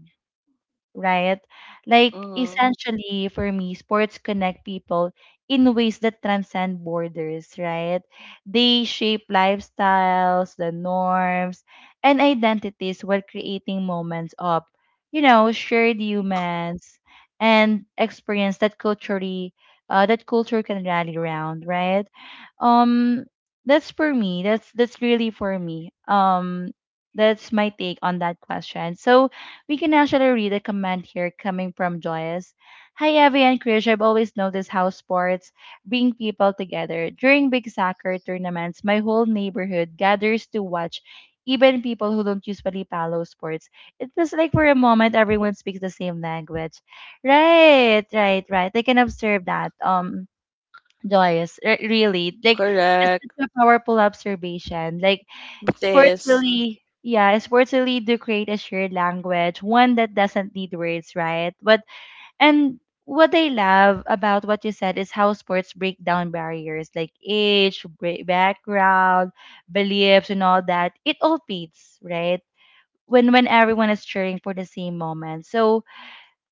S1: right? Like
S2: mhm,
S1: essentially for me, sports connect people in ways that transcend borders, right? They shape lifestyles, the norms, and identities while creating moments of, shared humans and experience that culturally that culture can rally around, right? Um that's for me. That's really for me. That's my take on that question. So we can actually read a comment here coming from Joyous. Hi, Evie and Krish. I've always noticed how sports bring people together. During big soccer tournaments, my whole neighborhood gathers to watch, even people who don't usually follow sports. It feels like for a moment everyone speaks the same language. Right, right, right. I can observe that. Joyce, really. Like that's
S2: correct.
S1: such a powerful observation. Like sports
S2: Bites.
S1: really yeah, sports really do create a shared language, one that doesn't need words, right? But and what I love about what you said is how sports break down barriers like age, background, beliefs, and all that. It all fits, right? When everyone is cheering for the same moment. So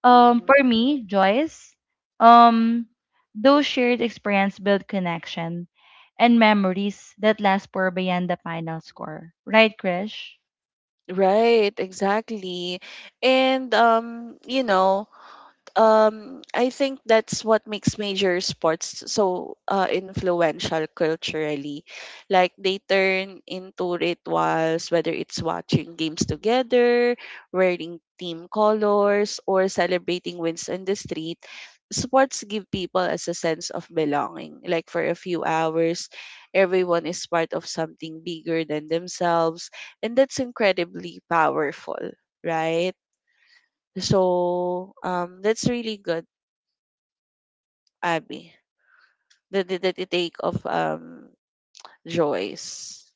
S1: for
S2: Mhm.
S1: me, Joyce, um, those shared experience build connection and memories that last for beyond the final score. Right, Krish?
S2: Right, exactly. And I think that's what makes major sports so influential culturally. Like they turn into rituals, whether it's watching games together, wearing team colors, or celebrating wins in the street. Sports give people as a sense of belonging. Like for a few hours, everyone is part of something bigger than themselves, and that's incredibly powerful, right? So that's really good, Abby, the take of Joyce.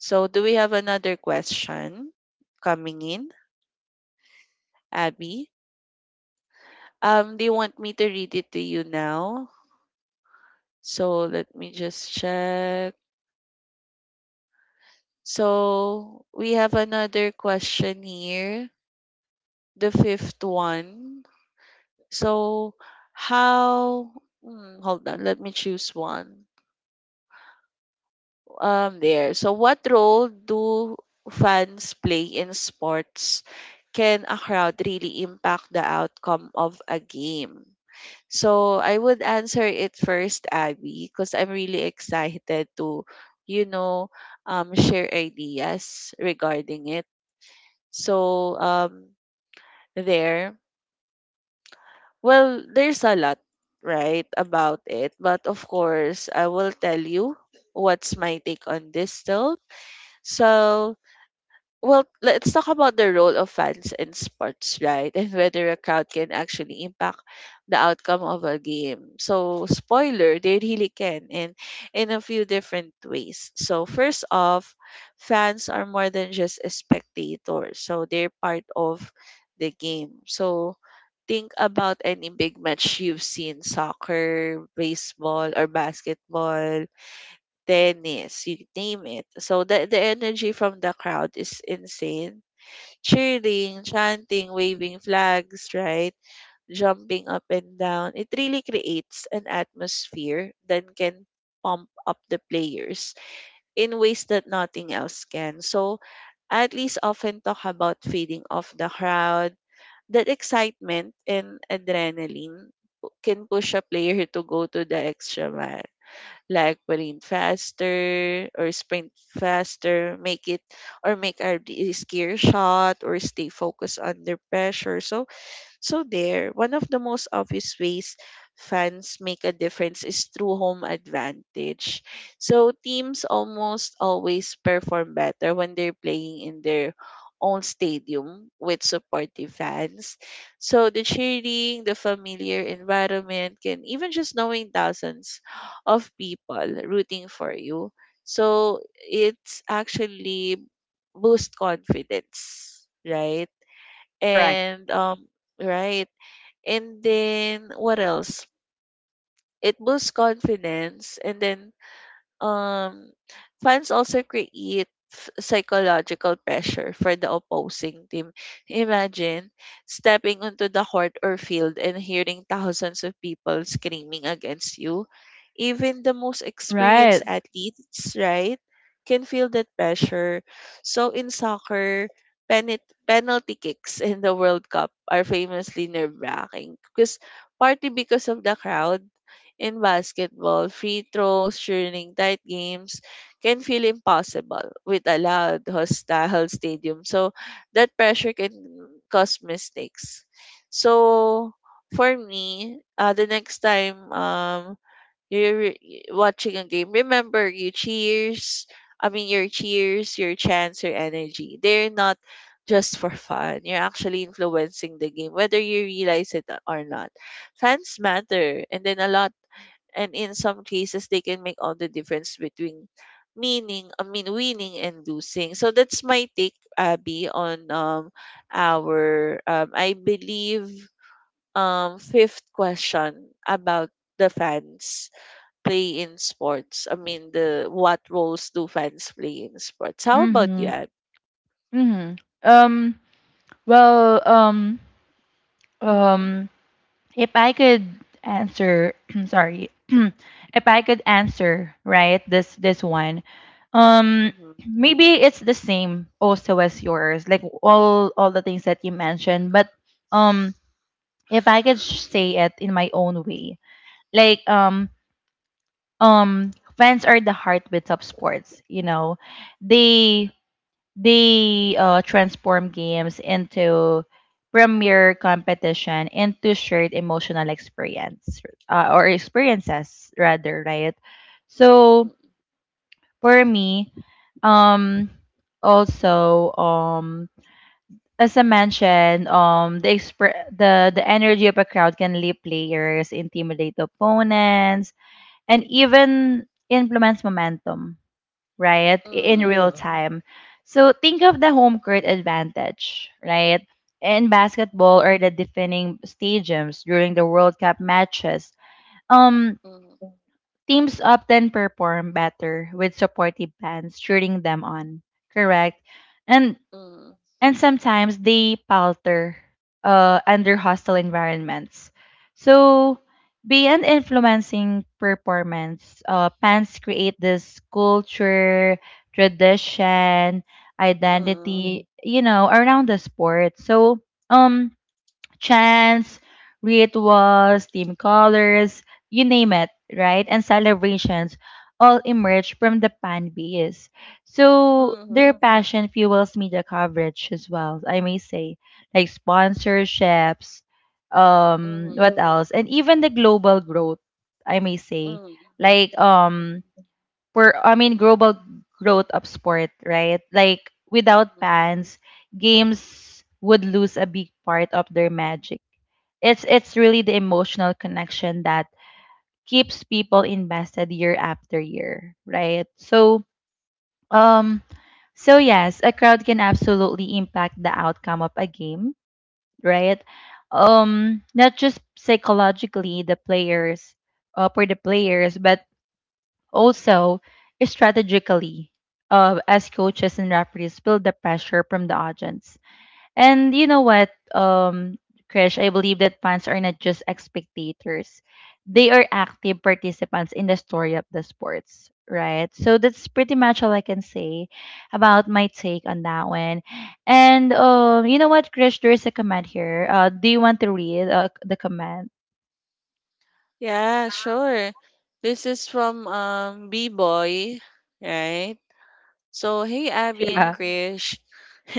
S2: So do we have another question coming in, Abby? Do you want me to read it to you now? So let me just check. So we have another question here, the fifth one. So how? Hmm, hold on, let me choose one. There. So what role do fans play in sports? Can a crowd really impact the outcome of a game? So I would answer it first, Abby, because I'm really excited to, you know, share ideas regarding it. So there, well, there's a lot, right, about it. But of course, I will tell you what's my take on this still. So Well, let's talk about the role of fans in sports, right? And whether a crowd can actually impact the outcome of a game. So, spoiler, they really can, and in a few different ways. So, first off, fans are more than just a spectator, so they're part of the game. So, think about any big match you've seen, soccer, baseball, or basketball, tennis, you name it. So the energy from the crowd is insane. Cheering, chanting, waving flags, right? Jumping up and down. It really creates an atmosphere that can pump up the players in ways that nothing else can. So athletes often talk about feeding off the crowd. That excitement and adrenaline can push a player to go to the extra mile, like William Faster or Sprint Faster, make it or make our a scare shot or stay focused under pressure. So one of the most obvious ways fans make a difference is through home advantage. So teams almost always perform better when they're playing in their own stadium with supportive fans. So the cheering, the familiar environment, can even just knowing thousands of people rooting for you. So it's actually boost confidence, right?
S1: Correct.
S2: And right, and then what else? It boosts confidence, and then um, fans also create psychological pressure for the opposing team. Imagine stepping onto the court or field and hearing thousands of people screaming against you. Even the most experienced
S1: Right.
S2: athletes, right, can feel that pressure. So in soccer, penalty kicks in the World Cup are famously nerve-wracking because, partly because of the crowd, in basketball, free throws during tight games can feel impossible with a loud, hostile stadium. So that pressure can cause mistakes. So for me, the next time you're watching a game, remember your cheers. I mean, your cheers, your chants, your energy. They're not just for fun. You're actually influencing the game, whether you realize it or not. Fans matter, and then a lot, and in some cases they can make all the difference between meaning I mean winning and losing. So that's my take, Abby, on our I believe fifth question about the fans play in sports. I mean the, what roles do fans play in sports? How about you,
S1: Mm-hmm.
S2: Ab?
S1: Mm-hmm. Um, well,
S2: Mm-hmm.
S1: um, if I could answer, sorry, if I could answer right this one, um,
S2: Mm-hmm.
S1: maybe it's the same also as yours, like all the things that you mentioned. But um, if I could say it in my own way, like um fans are the heartbeat of sports. You know, they transform games into premier competition into shared emotional experience or experiences rather, right? So for me, um also as I mentioned, the the energy of a crowd can lead players intimidate opponents and even influence momentum, right? In
S2: Mm-hmm.
S1: real Mm-hmm. time. So think of the home court advantage, right? In basketball or the defending stadiums during the World Cup matches, um,
S2: Mm-hmm.
S1: teams often perform better with supportive fans cheering them on, correct? And
S2: Mm-hmm.
S1: and sometimes they palter under hostile environments. So, beyond influencing performance, fans create this culture, tradition,
S2: Mm-hmm.
S1: identity, you know, around the sport. So, um, chants, rituals, team colors, you name it, right? And celebrations all emerge from the fan base. So
S2: Mm-hmm.
S1: their passion fuels media coverage as well, I may say, like sponsorships,
S2: Mm-hmm.
S1: what else? And even the global growth, I may say. Like
S2: Mm-hmm.
S1: for I mean global growth of sport, right? Like without fans, games would lose a big part of their magic. It's really the emotional connection that keeps people invested year after year, right? So um so yes, a crowd can absolutely impact the outcome of a game, right? Not just psychologically the players, for the players, but also strategically as coaches and referees feel the pressure from the audience. And you know what, um, Krish, I believe that fans are not just spectators. They are active participants in the story of the sports, right? So that's pretty much all I can say about my take on that one. And you know what, Krish, there is a comment here. Do you want to read the comment?
S2: Yeah, sure. This is from B-Boy, right? So, hey Abby and
S1: Yeah.
S2: Krish.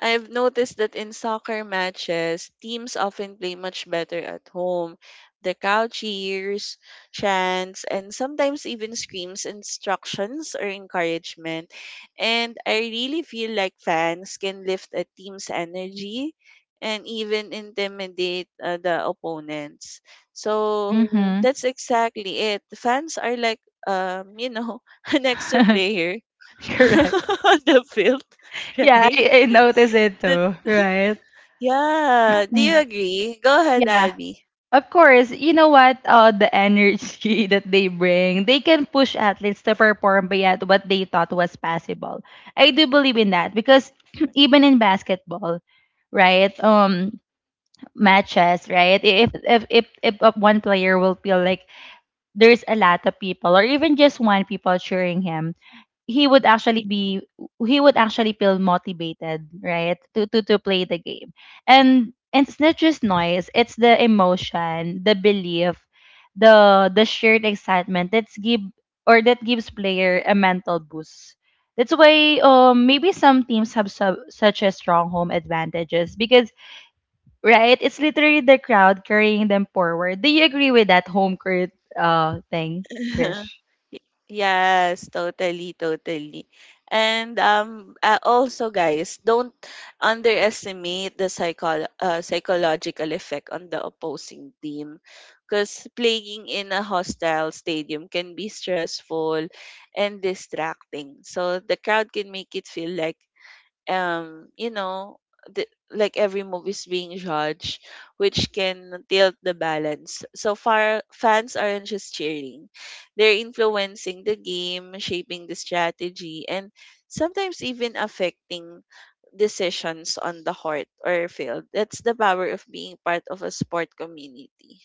S2: I've noticed that in soccer matches, teams often play much better at home. The crowd cheers, chants, and sometimes even screams instructions or encouragement. And I really feel like fans can lift a team's energy and even intimidate the opponents. So
S1: Mm-hmm.
S2: that's exactly it. Fans are like, um, you know, an extra
S1: Mm-hmm.
S2: player
S1: Correct.
S2: the field,
S1: Yeah,
S2: right?
S1: I noticed it
S2: That
S1: too, right?
S2: yeah. Do you
S1: Mm.
S2: agree? Go
S1: Yeah.
S2: ahead,
S1: Yeah.
S2: Abby.
S1: Of course, you know what? The energy that they bring, they can push athletes to perform beyond what they thought was possible. I do believe in that because even in basketball, right? Matches, right? If one player will feel like there's a lot of people, or even just one people cheering him, he would actually be he would actually feel motivated, right, to play the game. And it's not just noise, it's the emotion, the belief, the shared excitement that's give or that gives player a mental boost. That's why maybe some teams have such a strong home advantages because right it's literally the crowd carrying them forward. Do you agree with that home court thing, Krish?
S2: Yes, totally, totally. And also, guys, don't underestimate the psychological effect on the opposing team, because playing in a hostile stadium can be stressful and distracting. So the crowd can make it feel like, you know, the, like every movie is being judged, which can tilt the balance. So far, fans aren't just cheering, they're influencing the game, shaping the strategy, and sometimes even affecting decisions on the court or field. That's the power of being part of a sport community,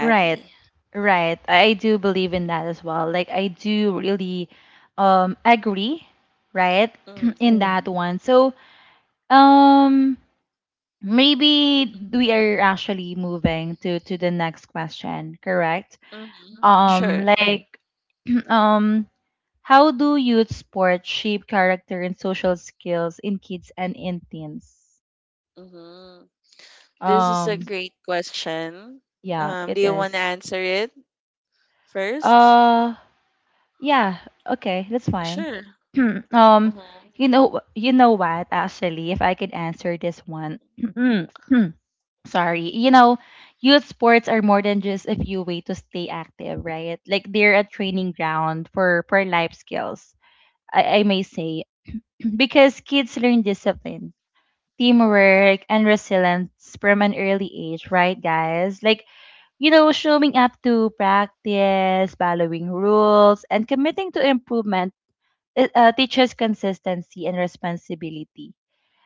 S1: Right. Right. I do believe in that as well. Like I do really agree, right?
S2: Mm.
S1: in Mm. that one. So, um maybe we are actually moving to the next question, correct?
S2: Mm. Sure.
S1: Like um how do youth sports shape character and social skills in kids and in teens?
S2: Hmm. This is a
S1: Um
S2: great question.
S1: yeah,
S2: Do
S1: it
S2: you want to
S1: is.
S2: answer it? First?
S1: Uh. Yeah, okay, that's fine.
S2: Sure.
S1: um,
S2: Mhm.
S1: you know, you know what? Actually, if I could answer this one, sorry. You know, youth sports are more than just a few way to stay active, right? Like they're a training ground for life skills. I may say, because kids learn discipline, teamwork, and resilience from an early age, right, guys? Like you know, showing up to practice, following rules, and committing to improvement, it teaches consistency and responsibility.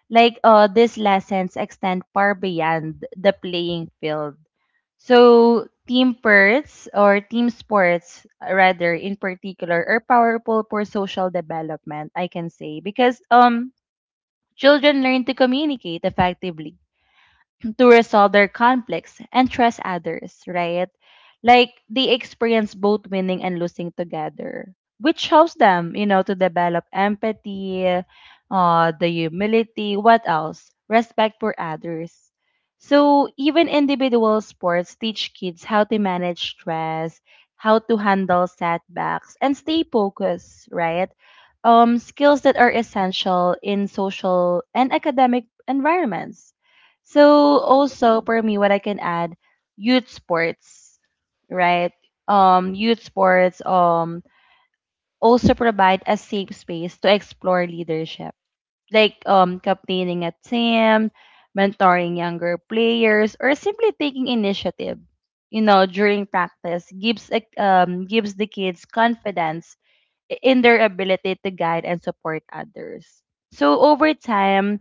S1: Like these lessons extend far beyond the playing field. So team sports or team sports rather in particular are powerful for social development, I can say, because children learn to communicate effectively, to resolve their conflicts and trust others, right? Like they experience both winning and losing together, which helps them, you know, to develop empathy, the humility, what else? Respect for others. So even individual sports teach kids how to manage stress, how to handle setbacks, and stay focused, right? Skills that are essential in social and academic environments. So
S2: Mhm.
S1: also for me, what I can add, youth sports, right? Youth sports also provide a safe space to explore leadership, like captaining a team, mentoring younger players, or simply taking initiative. You know, during practice gives gives the kids confidence in their ability to guide and support others. So over time,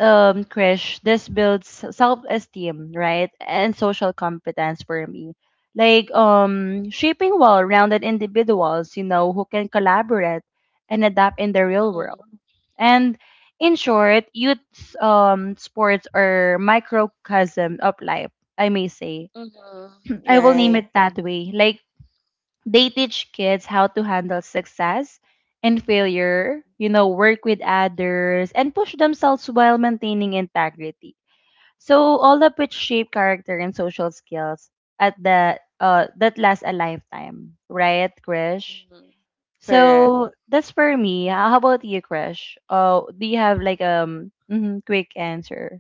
S1: Krish, this builds self-esteem, right, and social competence for me. Like shaping well-rounded individuals, you know, who can collaborate and adapt in the real
S2: Mhm.
S1: world. And in short, youth sports are microcosm of life, I may say.
S2: Mhm.
S1: I will name
S2: Right.
S1: it that way. Like they teach kids how to handle success and failure, you know, work with others, and push themselves while maintaining integrity. So all of which shape character and social skills at the that last a lifetime, right, Krish?
S2: Mhm. Correct.
S1: So that's for me. How about you, Krish? Do you have like mhm, quick answer?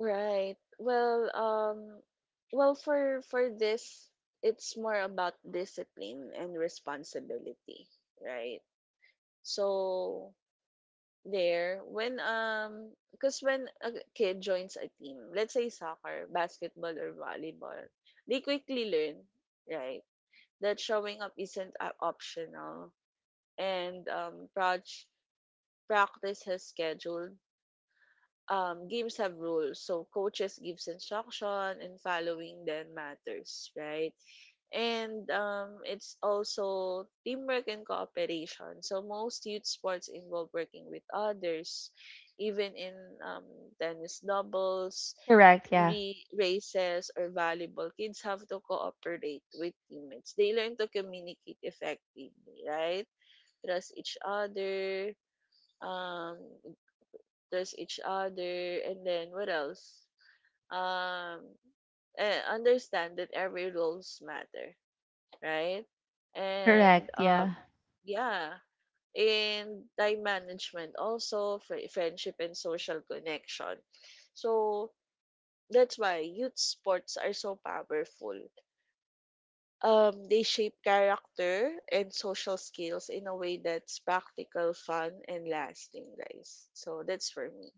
S2: Right. Well, for this, it's more about discipline and responsibility, right? So there, when because when a kid joins a team, let's say soccer, basketball, or volleyball, they quickly learn, right, that showing up isn't optional. And practice has scheduled. Games have rules, so coaches gives instruction and following them matters, right? And it's also teamwork and cooperation. So most youth sports involve working with others, even in um, tennis doubles,
S1: Correct. Yeah.
S2: races, or volleyball. Kids have to cooperate with teammates. They learn to communicate effectively, right? Trust each other um trust each other, and then what else? um Understand that every rules matter, right? And
S1: Correct. Yeah.
S2: yeah, in time management, also friendship and social connection. So that's why youth sports are so powerful. They shape character and social skills in a way that's practical, fun, and lasting, guys. So that's for me.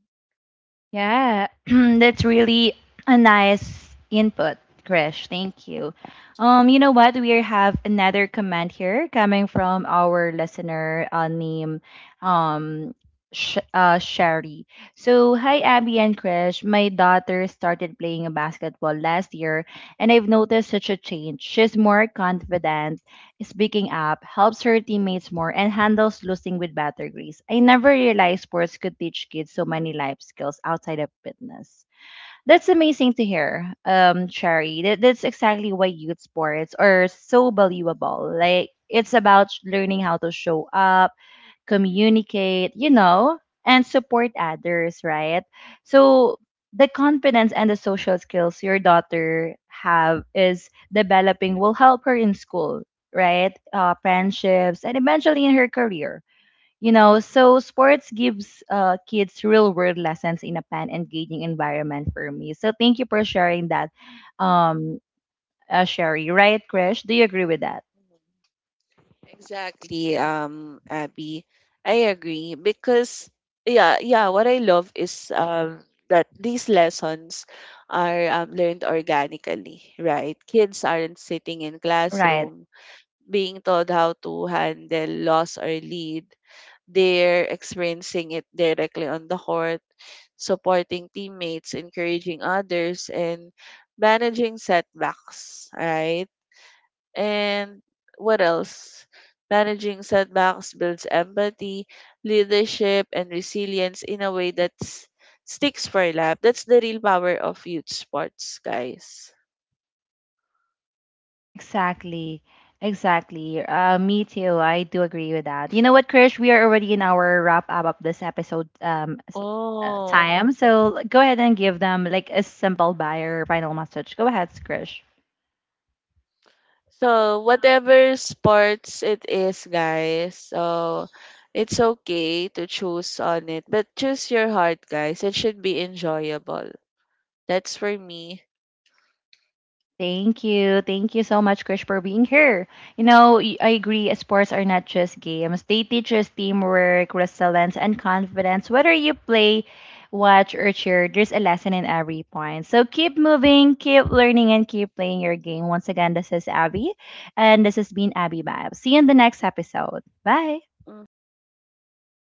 S1: Yeah, that's really a nice input, Krish. Thank you. You know what? We have another comment here coming from our listener named um, Sherry. So, hi, Abby and Krish. My daughter started playing basketball last year, and I've noticed such a change. She's more confident speaking up, helps her teammates more, and handles losing with better grace. I never realized sports could teach kids so many life skills outside of fitness. That's amazing to hear, Cherry. That's exactly why youth sports are so valuable. Like, it's about learning how to show up, communicate, you know, and support others, right? So the confidence and the social skills your daughter have is developing will help her in school, right? Friendships and eventually in her career. You know, so sports gives kids real world lessons in a fun, engaging environment for me. So thank you for sharing that, um, Sherry. Right, Krish? Do you agree with that?
S2: Mm-hmm. Exactly, Abby. I agree because, yeah, yeah, what I love is that these lessons are learned organically, right? Kids aren't sitting in
S1: Right.
S2: classroom being told how to handle loss or lead. They're experiencing it directly on the court, supporting teammates, encouraging others, and managing setbacks, right? And what else? Managing setbacks builds empathy, leadership, and resilience in a way that sticks for life. That's the real power of youth sports, guys.
S1: Exactly. Exactly. Me too. I do agree with that. You know what, Krish? We are already in our wrap up of this episode
S2: Oh.
S1: time. So go ahead and give them like a simple buyer final message. Go ahead, Krish.
S2: So whatever sports it is, guys, so it's okay to choose on it, but choose your heart, guys. It should be enjoyable. That's for me.
S1: Thank you. Thank you so much, Krish, for being here. You know, I agree, sports are not just games. They teach us teamwork, resilience, and confidence. Whether you play, watch, or cheer, there's a lesson in every point. So keep moving, keep learning, and keep playing your game. Once again, this is Abby, and this has been Abby Vibes. See you in the next episode. Bye.
S2: Mhm.